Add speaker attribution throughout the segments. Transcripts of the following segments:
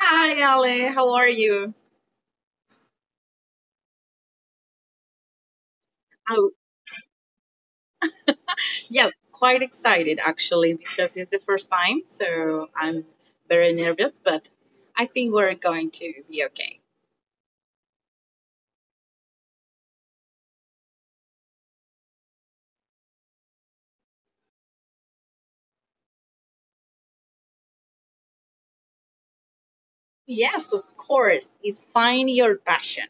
Speaker 1: hi, Ale. How are you? Oh, yes, quite excited actually because it's the first time, so I'm very nervous, but I think we're going to be okay. Yes, of course. It's find your passion.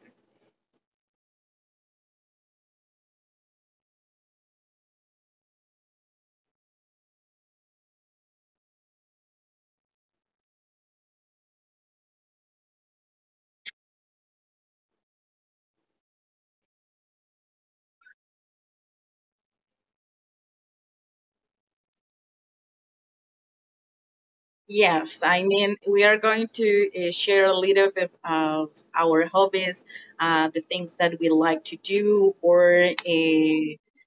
Speaker 1: Yes, I mean, we are going to share a little bit of our hobbies, the things that we like to do, or uh, in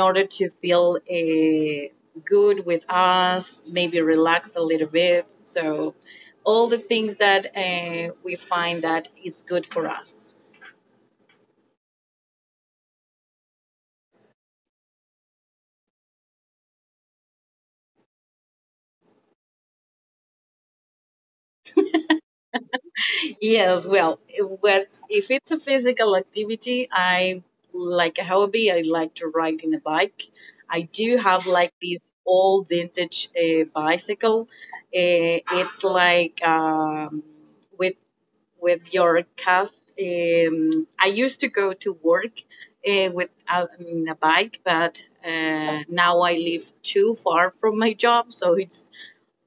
Speaker 1: order to feel good with us, maybe relax a little bit. So, all the things that we find that is good for us. Yes, well, what's, if it's a physical activity, I like a hobby. I like to ride in a bike. I do have like this old vintage bicycle. It's like with with your cast. I used to go to work with a bike, but now I live too far from my job, so it's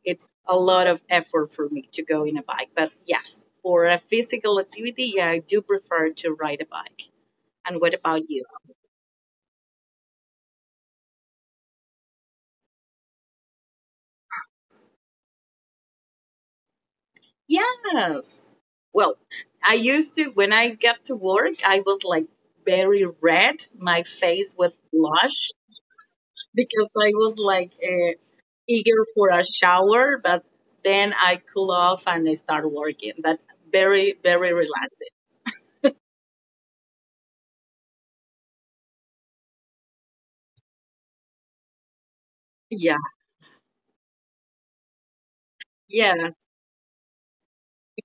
Speaker 1: it's a lot of effort for me to go in a bike. But yes, for a physical activity, yeah, I do prefer to ride a bike. And what about you? Yes. Well, I used to when I got to work, I was like very red. My face was blush because I was like eager for a shower, but then I cool off and I start working. But very, very relaxing. Yeah, yeah. If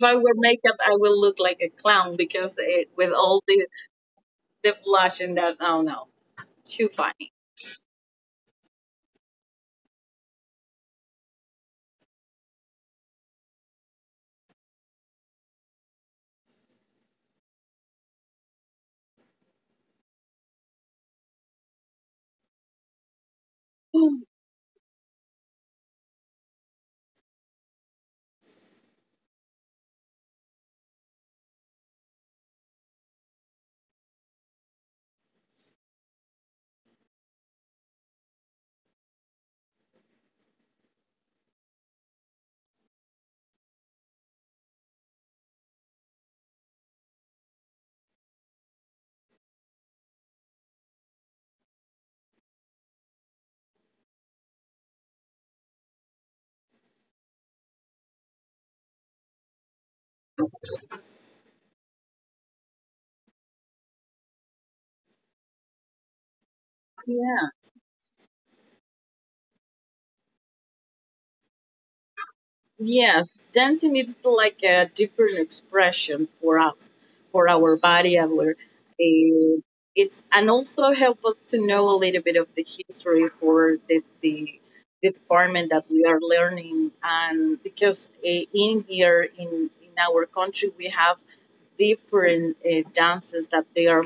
Speaker 1: I wear makeup, I will look like a clown because it, with all the blushing that, oh no, too funny. Yeah. Yes, dancing is like a different expression for us, for our body, our it's and also help us to know a little bit of the history for the department that we are learning, and because in here in our country we have different dances that they are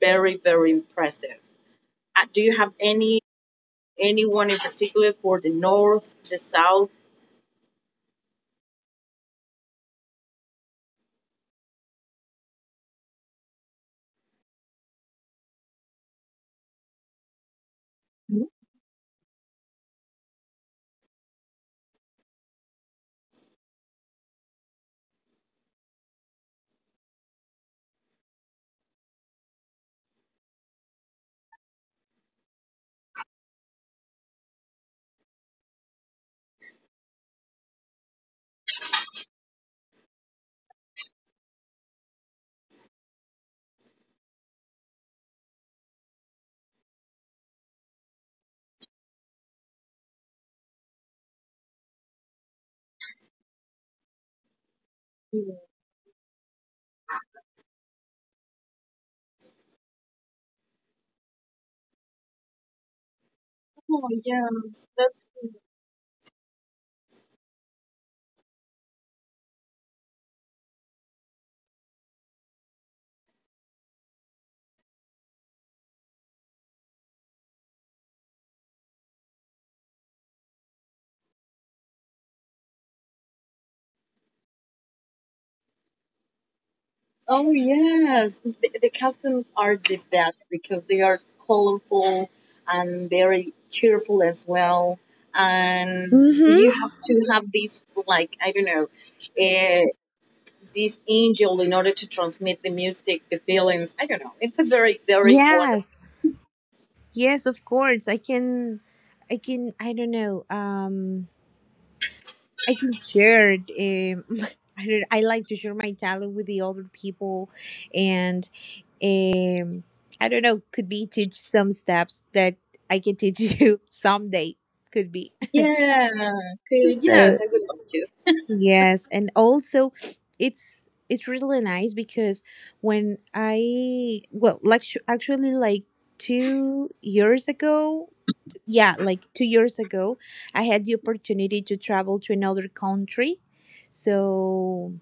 Speaker 1: very very impressive. Do you have anyone in particular for the north, the south? Mhm. Oh yeah, that's oh yes. The costumes are the best because they are colorful and very cheerful as well. And you
Speaker 2: Mm-hmm.
Speaker 1: have to have this like I don't know, uh, this angel in order to transmit the music, the feelings. I don't know. It's a very very wonderful.
Speaker 2: Yes. Yes, of course. I don't know. I can share it, um I don't I like to share my talent with the other people and um I don't know, could be teach some steps that I can teach you someday. Could be.
Speaker 1: Yeah. Okay. Yes,
Speaker 2: So
Speaker 1: I would love to.
Speaker 2: yes, and also it's it's really nice because when I well like actually like 2 years ago, yeah, like 2 years ago, I had the opportunity to travel to another country. So,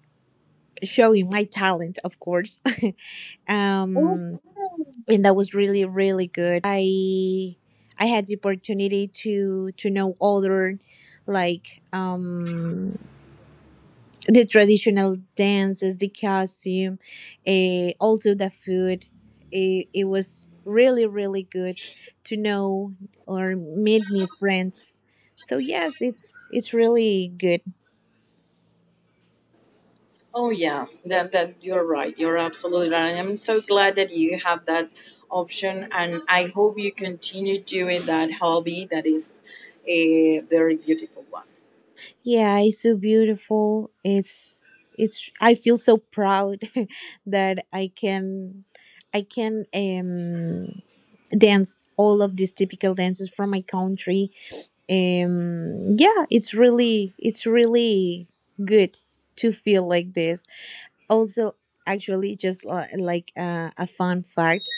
Speaker 2: showing my talent, of course.
Speaker 1: Oh
Speaker 2: um,
Speaker 1: yeah.
Speaker 2: and that was really, really good. I I had the opportunity to know other like the traditional dances, the costume, also the food. It was really, really good to know or meet new friends. So yes, it's really good.
Speaker 1: Oh yes, that you're right. You're absolutely right. I'm so glad that you have that option, and I hope you continue doing that hobby. That is a very beautiful one.
Speaker 2: Yeah, it's so beautiful. It's it's. I feel so proud that I can dance all of these typical dances from my country, yeah, it's really, it's really good to feel like this. Also actually just like a fun fact,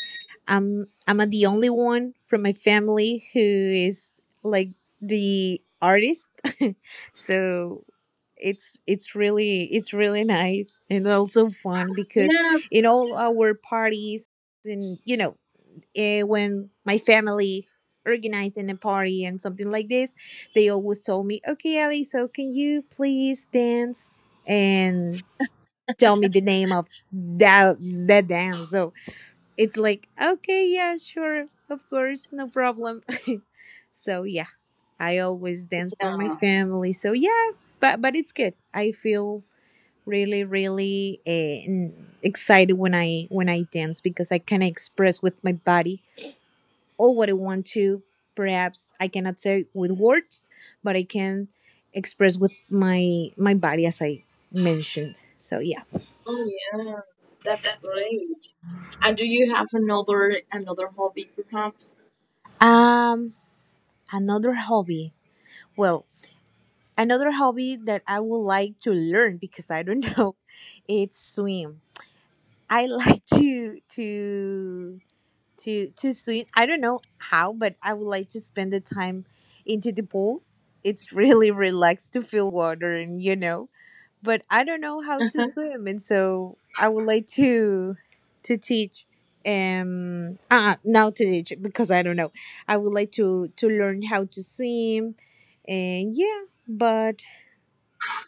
Speaker 2: I'm the only one from my family who is like the artist. So it's really, it's really nice and also fun because
Speaker 1: Yeah,
Speaker 2: in all our parties, and you know, when my family organizing a party and something like this, they always told me, "Okay, Ali, so can you please dance and tell me the name of that dance?" So it's like, "Okay, yeah, sure, of course, no problem." So yeah, I always dance for my
Speaker 1: yeah.
Speaker 2: family. So yeah, but it's good. I feel really, really excited when I dance because I kind of express with my body all what I want to. Perhaps I cannot say with words, but I can express with my body as I mentioned. So yeah.
Speaker 1: Oh yes, that's great. And do you have another hobby, perhaps?
Speaker 2: Um Another hobby. Well, another hobby that I would like to learn because I don't know, it's swim. I like to swim. I don't know how, but I would like to spend the time into the pool. It's really relaxed to feel the water and you know, but I don't know how to swim, and so I would like to teach to teach because I don't know. I would like to learn how to swim, and yeah. But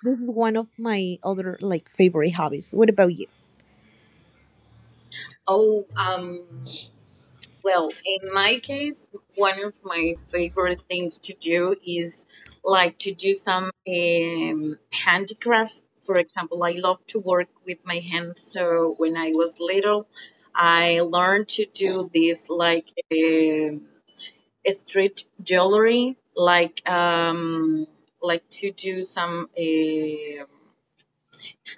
Speaker 2: this is one of my other like favorite hobbies. What about you?
Speaker 1: Oh, well, in my case, one of my favorite things to do is like to do some handicraft. For example, I love to work with my hands. So when I was little, I learned to do this like street jewelry, like to do some.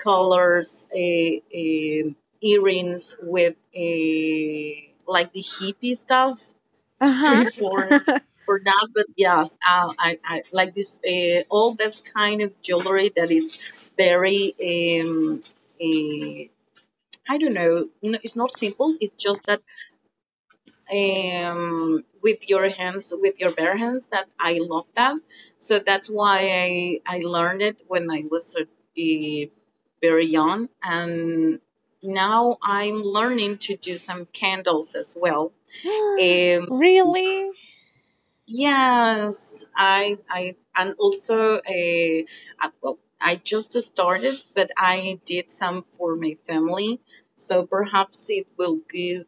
Speaker 1: Colors, earrings with a like the hippie stuff.
Speaker 2: Uh
Speaker 1: Sorry for that, but yes, I like this all this kind of jewelry that is very um, eh, I don't know. It's not simple. It's just that with your hands, with your bare hands. That I love that. So that's why I learned it when I was very young, and now I'm learning to do some candles as well.
Speaker 2: huh.
Speaker 1: Um,
Speaker 2: Really?
Speaker 1: yes, I and also well, I just started, but I did some for my family. So perhaps it will give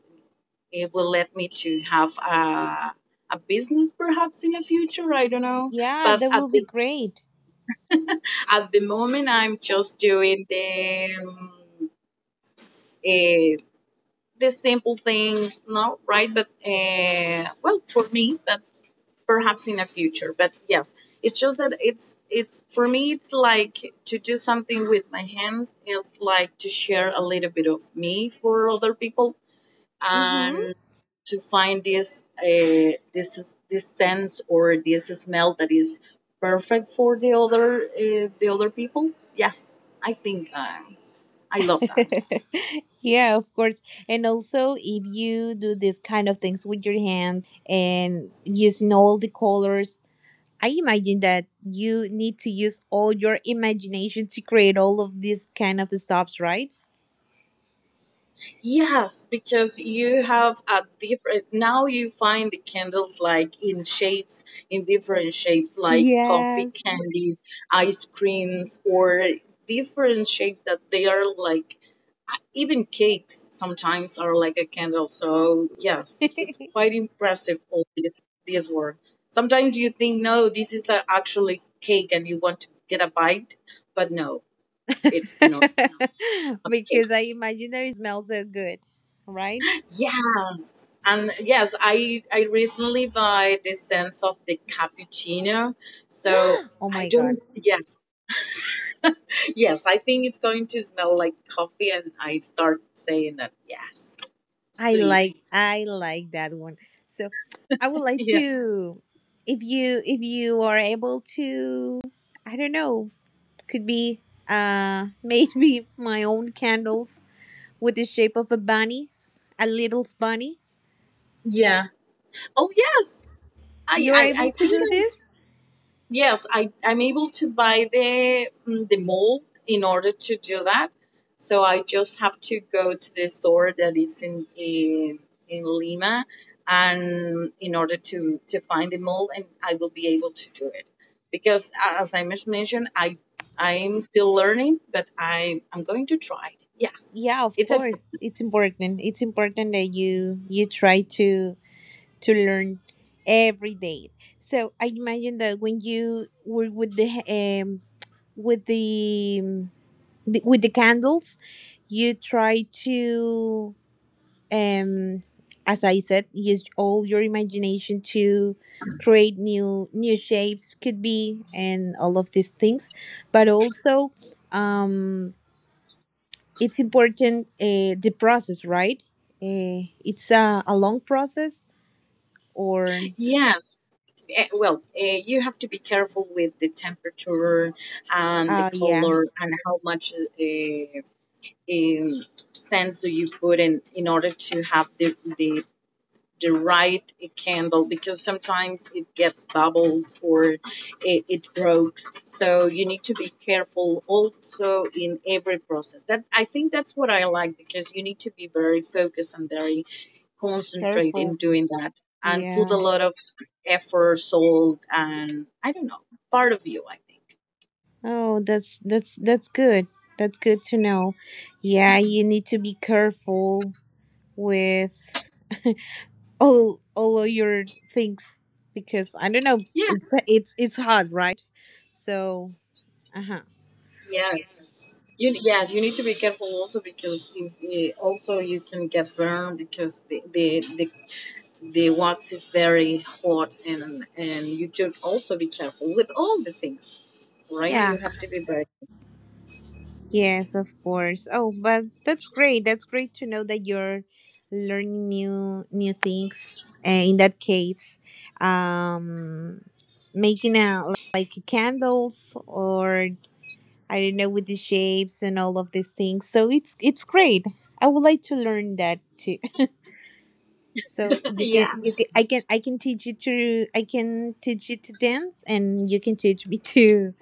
Speaker 1: it will let me to have a business perhaps in the future. I don't know.
Speaker 2: Yeah,
Speaker 1: But
Speaker 2: that
Speaker 1: at
Speaker 2: will be great.
Speaker 1: at the moment, I'm just doing the, eh, the simple things, no, right? But well, for me, that perhaps in the future. But yes, it's just that it's for me. It's like to do something with my hands. It's like to share a little bit of me for other people and
Speaker 2: Mm-hmm.
Speaker 1: to find this this sense or this smell that is perfect for the other people. Yes, I think I love that.
Speaker 2: Yeah, of course. And also, if you do these kind of things with your hands and using all the colors, I imagine that you need to use all your imagination to create all of these kind of stops, right?
Speaker 1: Yes, because you have a different. Now you find the candles like in shapes, in different shapes, like coffee
Speaker 2: Yes.
Speaker 1: candies, ice creams, or different shapes that they are like even cakes sometimes are like a candle. So yes, it's
Speaker 2: Because
Speaker 1: quite impressive all this work. Sometimes you think no, this is a, actually cake, and you want to get a bite, but no, it's not it's cake.
Speaker 2: I imagine that it smells so good, right?
Speaker 1: Yes, and yes, I recently buy the sense of the cappuccino, so.
Speaker 2: Oh
Speaker 1: I
Speaker 2: my god.
Speaker 1: don't, yes, yes, I think it's going to smell like coffee, and I start saying that, yes,
Speaker 2: I
Speaker 1: sweet.
Speaker 2: like I like that one. So I would like
Speaker 1: Yeah.
Speaker 2: to, if you are able to, I don't know, could be maybe my own candles with the shape of a bunny, a little bunny.
Speaker 1: Yeah. Oh yes,
Speaker 2: You're
Speaker 1: I
Speaker 2: able to
Speaker 1: think
Speaker 2: do
Speaker 1: I'm,
Speaker 2: this?
Speaker 1: yes I'm able to buy the the mold in order to do that. So I just have to go to the store that is in in Lima, and in order to find the mold, and I will be able to do it. Because as I just mentioned, I'm still learning, but I'm going to try it. Yes,
Speaker 2: Yeah, of
Speaker 1: it's a
Speaker 2: course. It's important. It's important that you try to learn every day. So I imagine that when you were with the with the with the candles, you try to um as I said, use all your imagination to create new, new shapes, could be, and all of these things, but also um it's important, the process, right? It's a long process or
Speaker 1: Yes. Well, you have to be careful with the temperature and the
Speaker 2: yeah,
Speaker 1: color and how much um, sense do you put in order to have the the right candle because sometimes it gets bubbles or it breaks. So you need to be careful also in every process. That I think that's what I like because you need to be very focused and very concentrate in
Speaker 2: careful.
Speaker 1: doing that and put
Speaker 2: Yeah,
Speaker 1: a lot of effort, salt, and I don't know, part of you. I think.
Speaker 2: oh, that's good, that's good to know. Yeah, you need to be careful with all of your things because I don't know,
Speaker 1: Yeah.
Speaker 2: it's hard, right? So uh-huh,
Speaker 1: Yeah. You, yeah, you need to be careful also because also you can get burned because the wax is very hot and you should also be careful with all the things right
Speaker 2: yeah,
Speaker 1: you have to be very
Speaker 2: yes, of course. Oh, but that's great, that's great to know that you're learning new, new things, and in that case, um making a like candles or I don't know, with the shapes and all of these things. So it's great. I would like to learn that too. So you
Speaker 1: yeah
Speaker 2: can, you can, I can teach you to, I can teach you to dance, and you can teach me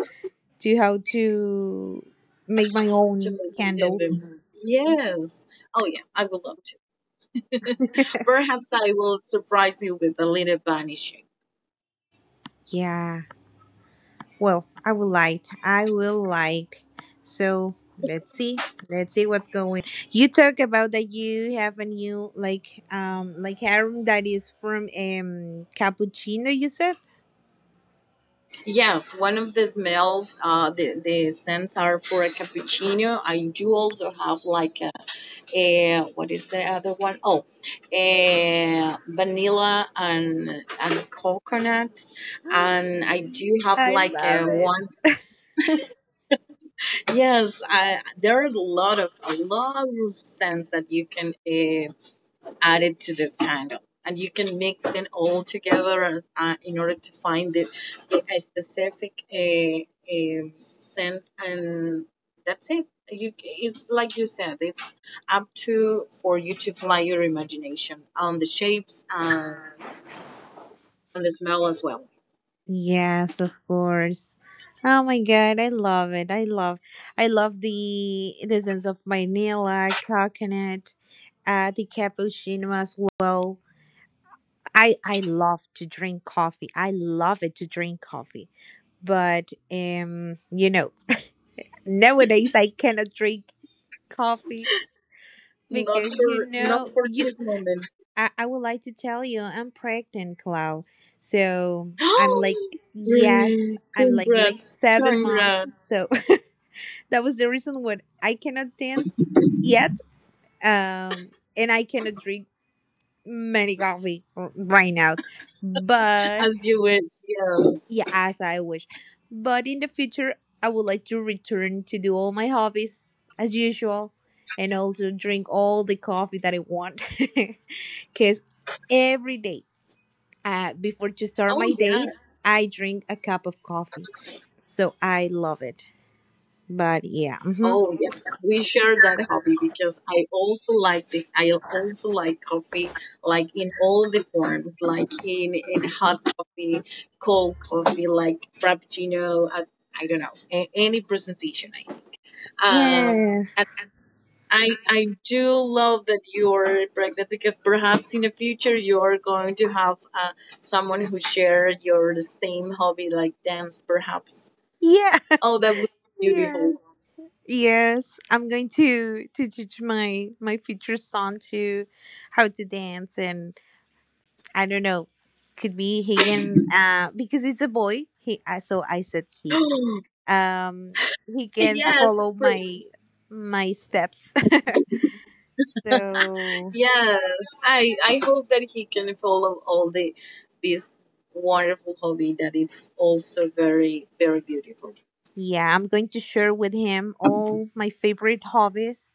Speaker 2: to how to make my
Speaker 1: to
Speaker 2: own
Speaker 1: make it and
Speaker 2: candles.
Speaker 1: yes oh yeah I would love to perhaps I will surprise you with a little vanishing.
Speaker 2: Yeah. Well, I will like. I will like. So let's see. Let's see what's going on. You talk about that you have a new like harem that is from cappuccino. You said.
Speaker 1: Yes, one of these meals, the scents are for a cappuccino. I do also have like a what is the other one? Oh, a vanilla and coconut, and I do have
Speaker 2: I
Speaker 1: like
Speaker 2: love
Speaker 1: a
Speaker 2: it.
Speaker 1: one. Yes, I, there are a lot of scents that you can added to the candle. And you can mix it all together in order to find the a specific scent, and that's it. You, it's like you said, it's up to for you to fly your imagination on the shapes and the smell as well.
Speaker 2: Yes, of course. Oh my god, I love it. I love the sense of vanilla, coconut, the cappuccino as well. I love to drink coffee. I love it to drink coffee. But you know, nowadays I cannot drink coffee
Speaker 1: Not
Speaker 2: because
Speaker 1: for
Speaker 2: you
Speaker 1: not
Speaker 2: know,
Speaker 1: for this moment.
Speaker 2: I would like to tell you I'm pregnant, Clau. So I'm like, yes,
Speaker 1: Great,
Speaker 2: I'm like
Speaker 1: congrats,
Speaker 2: 7 months.
Speaker 1: congrats,
Speaker 2: So that was the reason when I cannot dance yet, um, and I cannot drink many coffee right now. But
Speaker 1: as you wish. Yeah.
Speaker 2: yeah, as I wish. But in the future, I would like to return to do all my hobbies as usual, and also drink all the coffee that I want, because every day, before to start my
Speaker 1: Oh yeah.
Speaker 2: day, I drink a cup of coffee. So I love it. But yeah, mhm,
Speaker 1: Oh yes, we share that hobby because I also like the I also like coffee, like in all the forms, like in hot coffee, cold coffee, like frappuccino. I don't know any presentation. I um,
Speaker 2: yes,
Speaker 1: and I do love that you're pregnant because perhaps in the future you are going to have someone who share your same hobby like dance, perhaps.
Speaker 2: yeah.
Speaker 1: Oh, that would be beautiful.
Speaker 2: Yes. Yes, I'm going to teach my future son to how to dance, and I don't know, could be he can because it's a boy. He so I said um he can
Speaker 1: Yes, it's
Speaker 2: follow my
Speaker 1: pretty.
Speaker 2: steps. So
Speaker 1: Yes, I hope that he can follow all the this wonderful hobby that it's also very very beautiful.
Speaker 2: yeah, I'm going to share with him all my favorite hobbies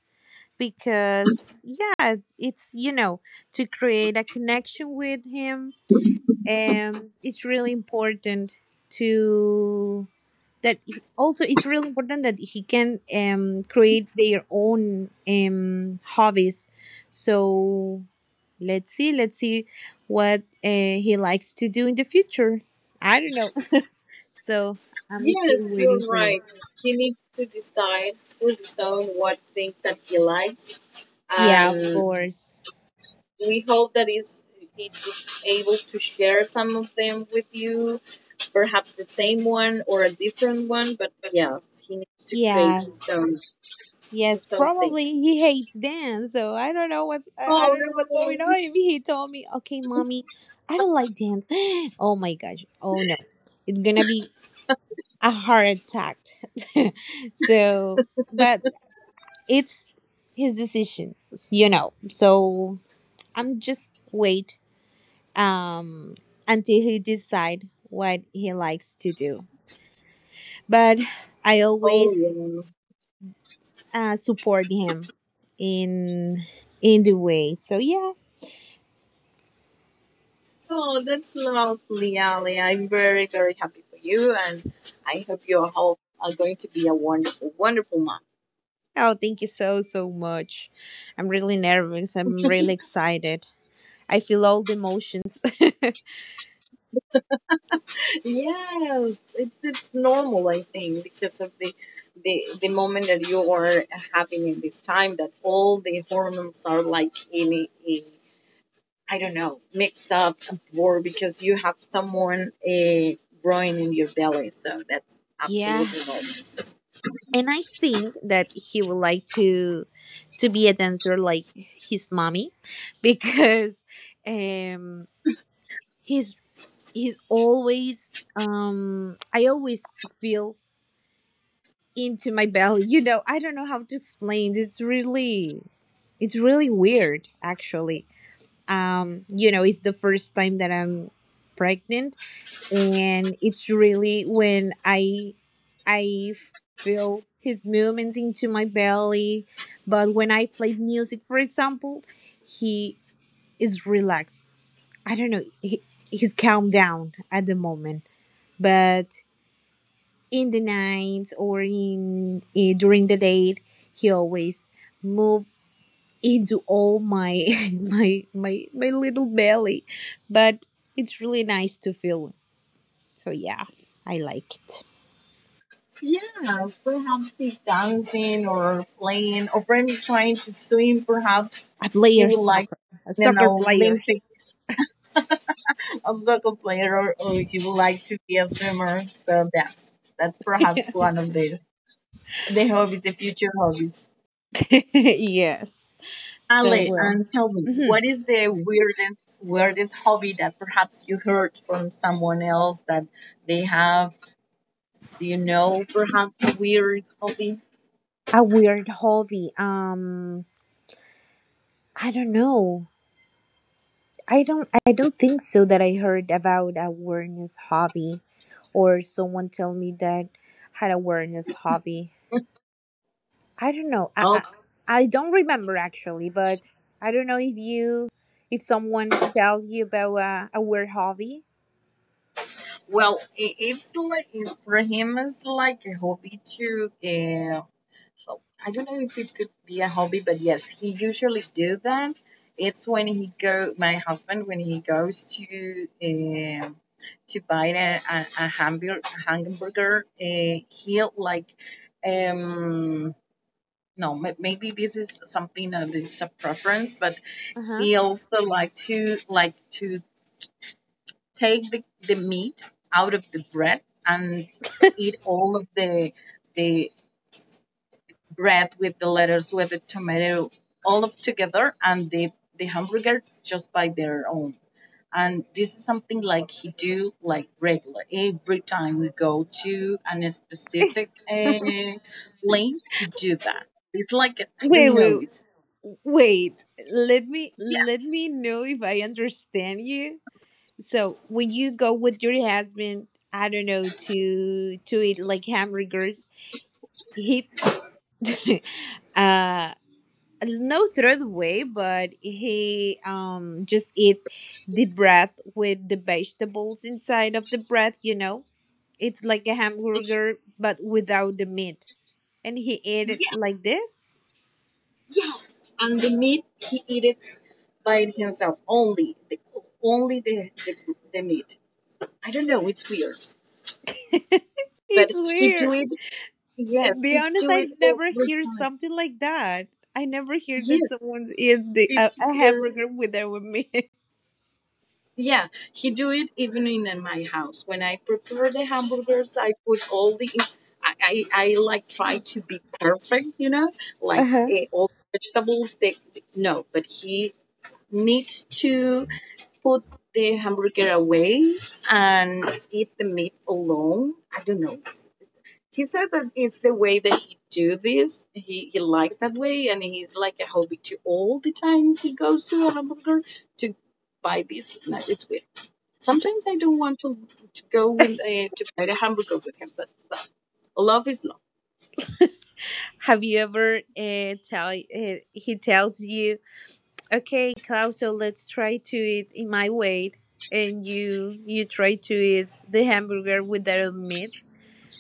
Speaker 2: because yeah, it's, you know, to create a connection with him, it's really important to that. Also, it's really important that he can, create their own, hobbies. So let's see, let's see what, he likes to do in the future. I don't know. So I'm still
Speaker 1: Yes, you're
Speaker 2: waiting for it.
Speaker 1: right. He needs to decide for his own what things that he likes,
Speaker 2: Yeah, of
Speaker 1: and
Speaker 2: course.
Speaker 1: we hope that is he is able to share some of them with you, perhaps the same one or a different one. But yes, he needs to create his
Speaker 2: Yes,
Speaker 1: own
Speaker 2: yes,
Speaker 1: thing.
Speaker 2: probably he hates dance, so I don't know what's, I
Speaker 1: Oh
Speaker 2: don't know what's
Speaker 1: no!
Speaker 2: going on. If he told me, "Okay, mommy, I don't like dance," oh my gosh, oh no, it's gonna be a heart attack. So, but it's his decisions, you know. So I'm just wait um until he decide what he likes to do. But I
Speaker 1: Oh
Speaker 2: always
Speaker 1: yeah.
Speaker 2: support him in in the way. So yeah.
Speaker 1: Oh, that's lovely, Ali. I'm very, very happy for you, and I hope your whole are going to be a wonderful, wonderful month.
Speaker 2: Oh, thank you so, so much. I'm really nervous. I'm really excited. I feel all the emotions.
Speaker 1: Yes, it's normal, I think, because of the moment that you are having in this time that all the hormones are like in a I don't know mix up or because you have someone growing in your belly, so that's absolutely
Speaker 2: Yes.
Speaker 1: normal.
Speaker 2: And I think that he would like to be a dancer like his mommy because um he's he's always I always feel into my belly. You know, I don't know how to explain. It's really, it's really weird actually. You know, it's the first time that I'm pregnant, and it's really when I feel his movements into my belly. But when I play music, for example, he is relaxed, I don't know, he's calmed down at the moment, but in the night or in during the day, he always move into all my my little belly, but it's really nice to feel. So yeah, I like it.
Speaker 1: Yes, perhaps he's dancing or playing, or perhaps trying to swim. Perhaps
Speaker 2: I play
Speaker 1: he
Speaker 2: a
Speaker 1: would like to
Speaker 2: soccer, a
Speaker 1: be an
Speaker 2: soccer player.
Speaker 1: Olympic a soccer player, or he would like to be a swimmer. So that's perhaps one of these the hobbies, the future hobbies.
Speaker 2: Yes, so
Speaker 1: Ale,
Speaker 2: well.
Speaker 1: and tell me,
Speaker 2: Mhm.
Speaker 1: what is the weirdest hobby that perhaps you heard from someone else that they have? Do you know perhaps a weird hobby?
Speaker 2: A weird hobby, I don't know, I don't think so that I heard about a awareness hobby or someone tell me that had awareness hobby. I don't know. I don't remember actually, but I don't know if you, if someone tells you about a weird hobby.
Speaker 1: Well, it's like if for him it's like a hobby to well, I don't know if it could be a hobby, but yes, he usually do that. It's when he go my husband when he goes to buy a hamburger, he'll like um no maybe this is something that is a preference, but
Speaker 2: Uh huh.
Speaker 1: he also like to take the meat out of the bread and eat all of the bread with the letters with the tomato all of together and the hamburger just by their own, and this is something like he do like regular every time we go to a specific place. He do that. It's like I
Speaker 2: Wait,
Speaker 1: don't know,
Speaker 2: wait,
Speaker 1: it's
Speaker 2: wait. Let me know if I understand you. So when you go with your husband, I don't know, to eat like hamburgers. He uh no throw it away, but he just eat the bread with the vegetables inside of the bread. You know. It's like a hamburger, but without the meat. And he ate it
Speaker 1: yeah.
Speaker 2: like this.
Speaker 1: Yes, and the meat he eats by himself only, only the meat. I don't know, it's weird, but
Speaker 2: It's
Speaker 1: he do
Speaker 2: weird.
Speaker 1: it. Yes,
Speaker 2: Be
Speaker 1: he
Speaker 2: honest,
Speaker 1: do
Speaker 2: I
Speaker 1: it
Speaker 2: never
Speaker 1: every
Speaker 2: hear
Speaker 1: time.
Speaker 2: something like that. I never hear that
Speaker 1: Yes,
Speaker 2: someone eats the,
Speaker 1: it's
Speaker 2: a
Speaker 1: weird.
Speaker 2: hamburger without meat.
Speaker 1: Yeah, he do it even in my house. When I prepare the hamburgers, I put all the. I like try to be perfect, you know, like
Speaker 2: Uh-huh.
Speaker 1: all vegetables. They, no, but he needs to put the hamburger away and eat the meat alone. I don't know. He said that it's the way that he do this. He likes that way, and he's like a hobby to all the times he goes to a hamburger to buy this. No, it's weird. Sometimes I don't want to go with to buy the hamburger with him, but love is love.
Speaker 2: Have you ever tell he tells you, okay, Klaus, so let's try to eat in my way, and you try to eat the hamburger without meat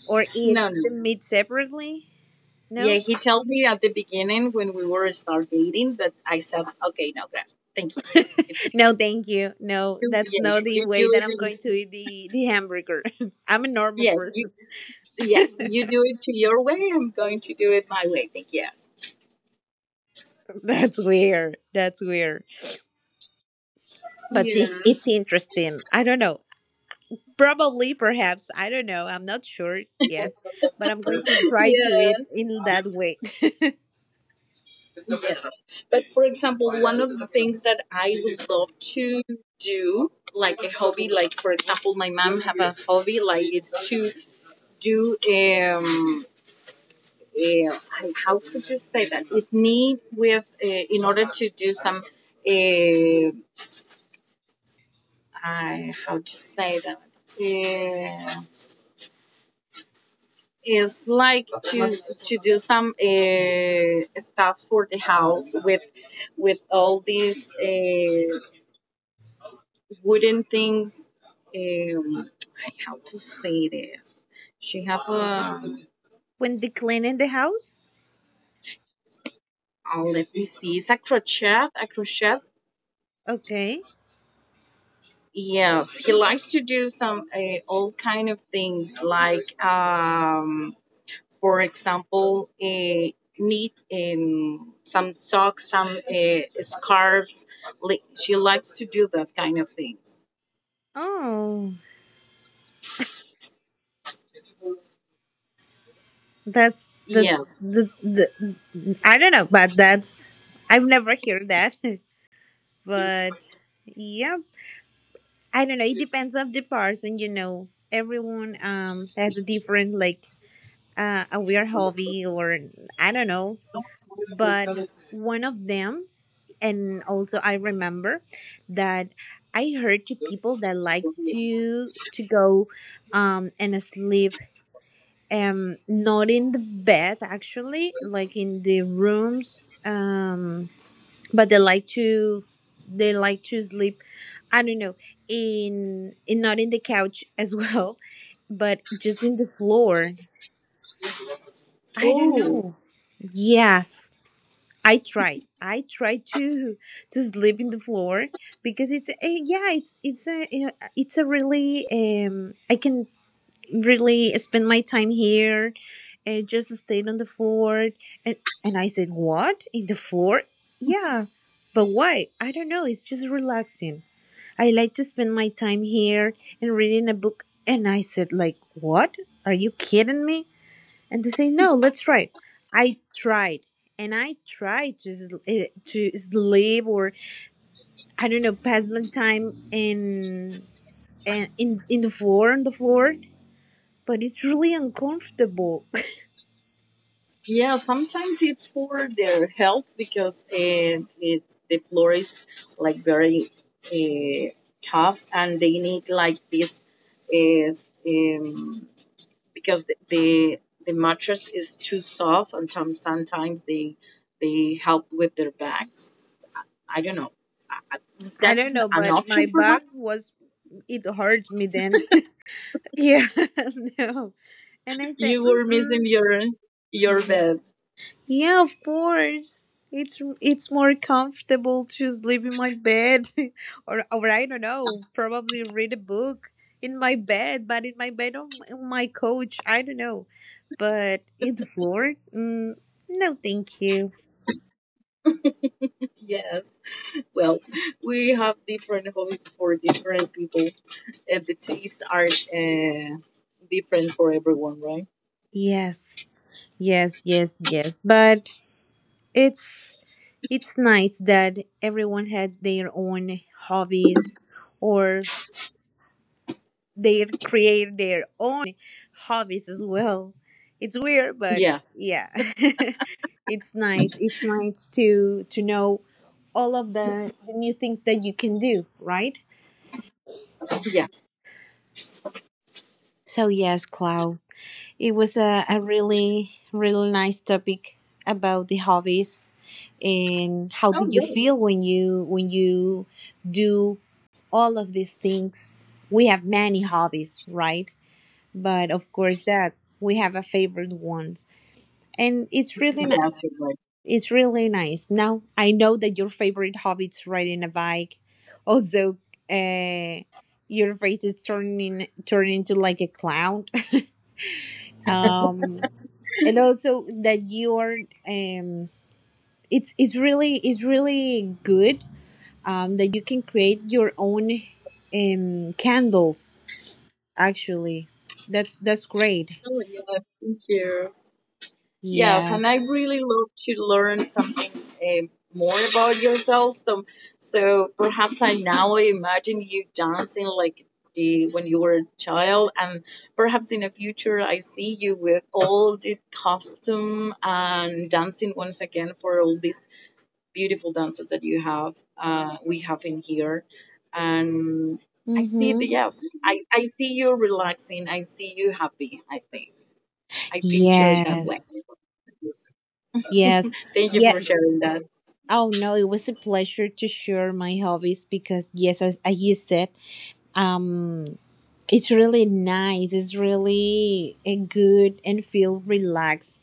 Speaker 2: or eat
Speaker 1: No, no.
Speaker 2: the meat separately?
Speaker 1: Yeah,
Speaker 2: No.
Speaker 1: he told me at the beginning when we were start dating that I said, okay, no, Graf, thank you. It took
Speaker 2: No, thank you. No,
Speaker 1: you,
Speaker 2: that's
Speaker 1: yes,
Speaker 2: not the
Speaker 1: you
Speaker 2: way
Speaker 1: do
Speaker 2: that
Speaker 1: it
Speaker 2: I'm
Speaker 1: in.
Speaker 2: going to eat the hamburger. I'm a normal
Speaker 1: Yes, you
Speaker 2: person.
Speaker 1: yes, you do it to your way, I'm going to do it my way. Yeah.
Speaker 2: That's weird. That's weird. But
Speaker 1: Yeah.
Speaker 2: it's interesting. I don't know. Probably, perhaps. I don't know. I'm not sure yet. But I'm going to try to eat
Speaker 1: Yeah.
Speaker 2: in that way.
Speaker 1: Yes. But for example, one of the things that I would love to do, like a hobby, like for example, my mom have a hobby, like it's to do um. Uh, how could you say that? It's need with in order to do some. Uh, I how to say that? Eh, is like to do some stuff for the house with all these wooden things. Um, how to say this? She have a.
Speaker 2: When they clean in the house?
Speaker 1: Oh, let me see. It's a crochet. A crochet.
Speaker 2: Okay.
Speaker 1: Yes, he likes to do some all kind of things like for example, knit some socks, some scarves. She likes to do that kind of things.
Speaker 2: Oh,
Speaker 1: Yeah.
Speaker 2: that's, the, I don't know, but that's, I've never heard that. But yeah, I don't know. It depends of the person, you know. Everyone has a different, like, a weird hobby or I don't know. But one of them, and also I remember that I heard to people that likes to go and sleep not in the bed actually, like in the rooms, but they like to sleep, I don't know, in not in the couch as well, but just in the floor, I don't
Speaker 1: Oh,
Speaker 2: know. Yes, I tried to sleep in the floor because it's a, yeah, it's a, you know, it's a really, I can really spent my time here and just stayed on the floor. and and I said, "What? In the floor?" Yeah. But why? I don't know. It's just relaxing. I like to spend my time here and reading a book. And I said, like, "What? Are you kidding me?" And they say, "No, let's try it." I tried. And I tried to to sleep or I don't know, pass my time in and in in the floor, on the floor, but it's really uncomfortable.
Speaker 1: yeah. Sometimes it's for their health because it's, the floor is like very uh, tough, and they need like this uh, um, because the mattress is too soft, and sometimes they help with their back. I don't know. I-
Speaker 2: I
Speaker 1: That's
Speaker 2: don't
Speaker 1: an
Speaker 2: know, but my
Speaker 1: option,
Speaker 2: back
Speaker 1: perhaps.
Speaker 2: was, it hurt me then. Yeah, no. And I said,
Speaker 1: You were missing
Speaker 2: mm-mm.
Speaker 1: your bed.
Speaker 2: Yeah, of course. It's more comfortable to sleep in my bed, or I don't know, probably read a book in my bed, but in my bed, on my couch, I don't know, but in the floor, no, thank you.
Speaker 1: Yes. Well, we have different hobbies for different people, and the tastes are different for everyone, right?
Speaker 2: Yes, yes, yes, yes. But it's It's nice that everyone had their own hobbies or they create their own hobbies as well. It's weird, but
Speaker 1: Yeah.
Speaker 2: yeah. It's nice. It's nice to know all of the new things that you can do, right?
Speaker 1: Yeah.
Speaker 2: So yes, Clau. It was a really, really nice topic about the hobbies and how
Speaker 1: Oh,
Speaker 2: did you
Speaker 1: right.
Speaker 2: feel when you do all of these things. We have many hobbies, right? But of course that we have a favorite ones. And it's really nice.
Speaker 1: Yes, you're right.
Speaker 2: It's really nice. Now I know that your favorite hobby is riding a bike. Also, uh your face is turning into like a clown. um and also that you're, um it's really, it's really good, that you can create your own candles. Actually, that's great.
Speaker 1: Oh, yeah. Thank you. Yes, and
Speaker 2: Yes.
Speaker 1: I really love to learn something more about yourself. So perhaps I now imagine you dancing like when you were a child, and perhaps in the future I see you with all the costume and dancing once again for all these beautiful dances that you have, we have in here. And I see the
Speaker 2: Mm-hmm.
Speaker 1: yes, I see you relaxing, I see you happy, I think. I picture it that way.
Speaker 2: Yes, yes,
Speaker 1: Thank you
Speaker 2: yeah.
Speaker 1: for sharing that.
Speaker 2: Oh no, it was a pleasure to share my hobbies because yes, as you said, um it's really nice, it's really a good and feel relaxed.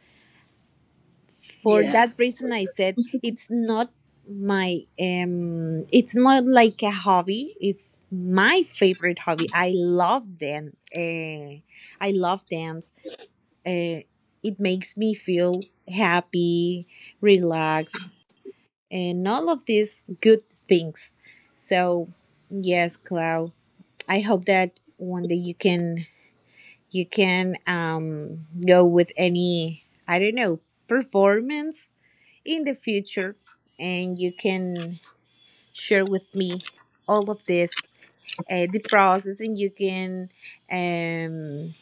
Speaker 2: For
Speaker 1: Yeah.
Speaker 2: that reason, I said it's not my, it's not like a hobby, it's my favorite hobby. I love dance, I love dance. Uh, it makes me feel happy, relaxed, and all of these good things. So yes, Clau, I hope that one day you can go with any, I don't know, performance in the future, and you can share with me all of this, the process. And you can, um,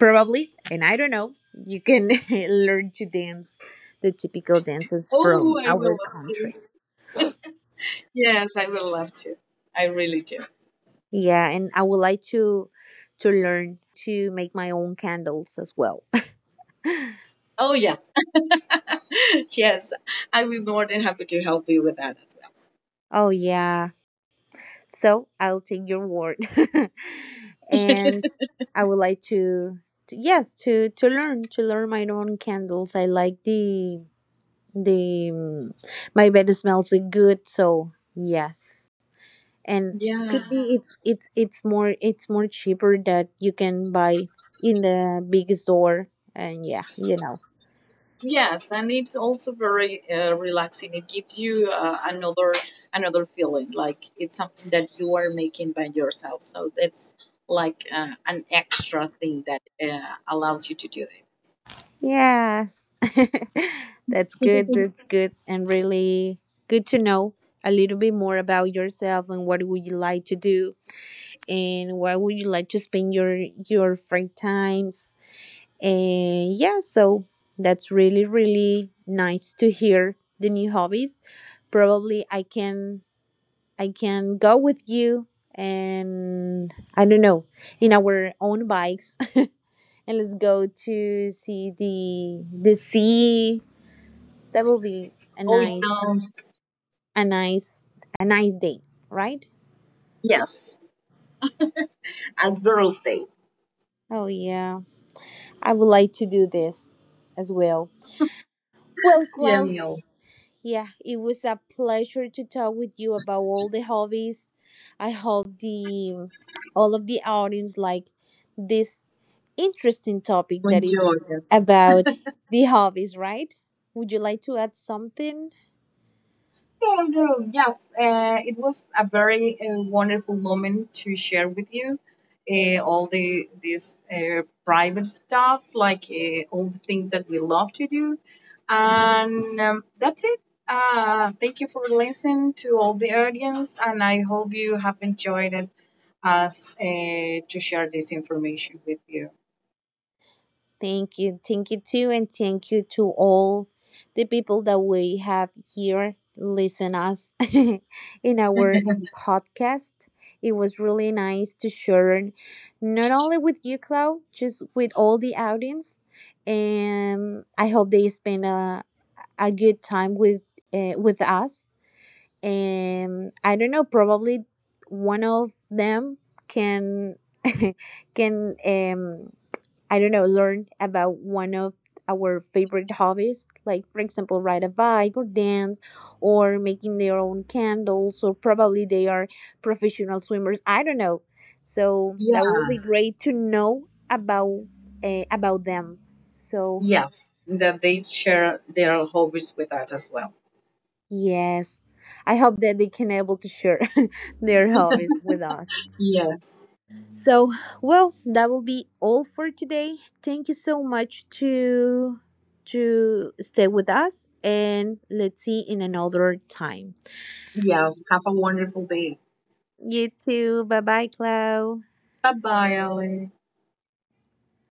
Speaker 2: probably, and I don't know, you can learn to dance the typical dances from
Speaker 1: Oh, I will
Speaker 2: our
Speaker 1: love to.
Speaker 2: country.
Speaker 1: Yes, I will love to. I really do.
Speaker 2: Yeah. And I would like to learn how to make my own candles as well.
Speaker 1: Oh, yeah. yes, I will be more than happy to help you with that as well.
Speaker 2: Oh yeah. So I'll take your word, and I would like to, yes, to learn, to learn my own candles. I like the, my bed smells good, so yes, and
Speaker 1: Yeah.
Speaker 2: could be. Yeah. It's more cheaper that you can buy in the big store, and yeah, you know.
Speaker 1: Yes, and it's also very relaxing. It gives you another feeling, like it's something that you are making by yourself. So that's like an extra thing that allows you to do it.
Speaker 2: Yes. That's good. That's good. And really good to know a little bit more about yourself and what would you like to do and where would you like to spend your free times. And yeah, so that's really, really nice to hear the new hobbies. Probably I can go with you, and I don't know, in our own bikes. And let's go to see the sea. That will be a
Speaker 1: Oh,
Speaker 2: nice,
Speaker 1: yes.
Speaker 2: a nice, a nice day, right?
Speaker 1: Yes. And girls' day.
Speaker 2: Oh yeah. I would like to do this as well. Well,
Speaker 1: Yeah,
Speaker 2: Clau,
Speaker 1: meal.
Speaker 2: yeah, it was a pleasure to talk with you about all the hobbies. I hope the all of the audience like this interesting topic that is
Speaker 1: Enjoy.
Speaker 2: about the hobbies, right? Would you like to add something?
Speaker 1: Yes, it was a very wonderful moment to share with you all the this private stuff, like all the things that we love to do, and that's it. Thank you for listening to all the audience, and I hope you have enjoyed it us to share this information with you.
Speaker 2: Thank you. Thank you too. And thank you to all the people that we have here listen us in our podcast. It was really nice to share not only with you, Clau, just with all the audience. And I hope they spend a good time with, with us. And I don't know, probably one of them can can, I don't know, learn about one of our favorite hobbies, like for example, ride a bike or dance or making their own candles, or probably they are professional swimmers. I don't know. So that would be
Speaker 1: Yes,
Speaker 2: great to know about, about them. So
Speaker 1: yes, that they share their hobbies with us as well.
Speaker 2: yes, I hope that they can able to share their hobbies with us.
Speaker 1: Yes.
Speaker 2: So, well, that will be all for today. Thank you so much to stay with us, and let's see in another time.
Speaker 1: Yes, have a wonderful day.
Speaker 2: You too. Bye bye, Clau.
Speaker 1: Bye bye, Ali.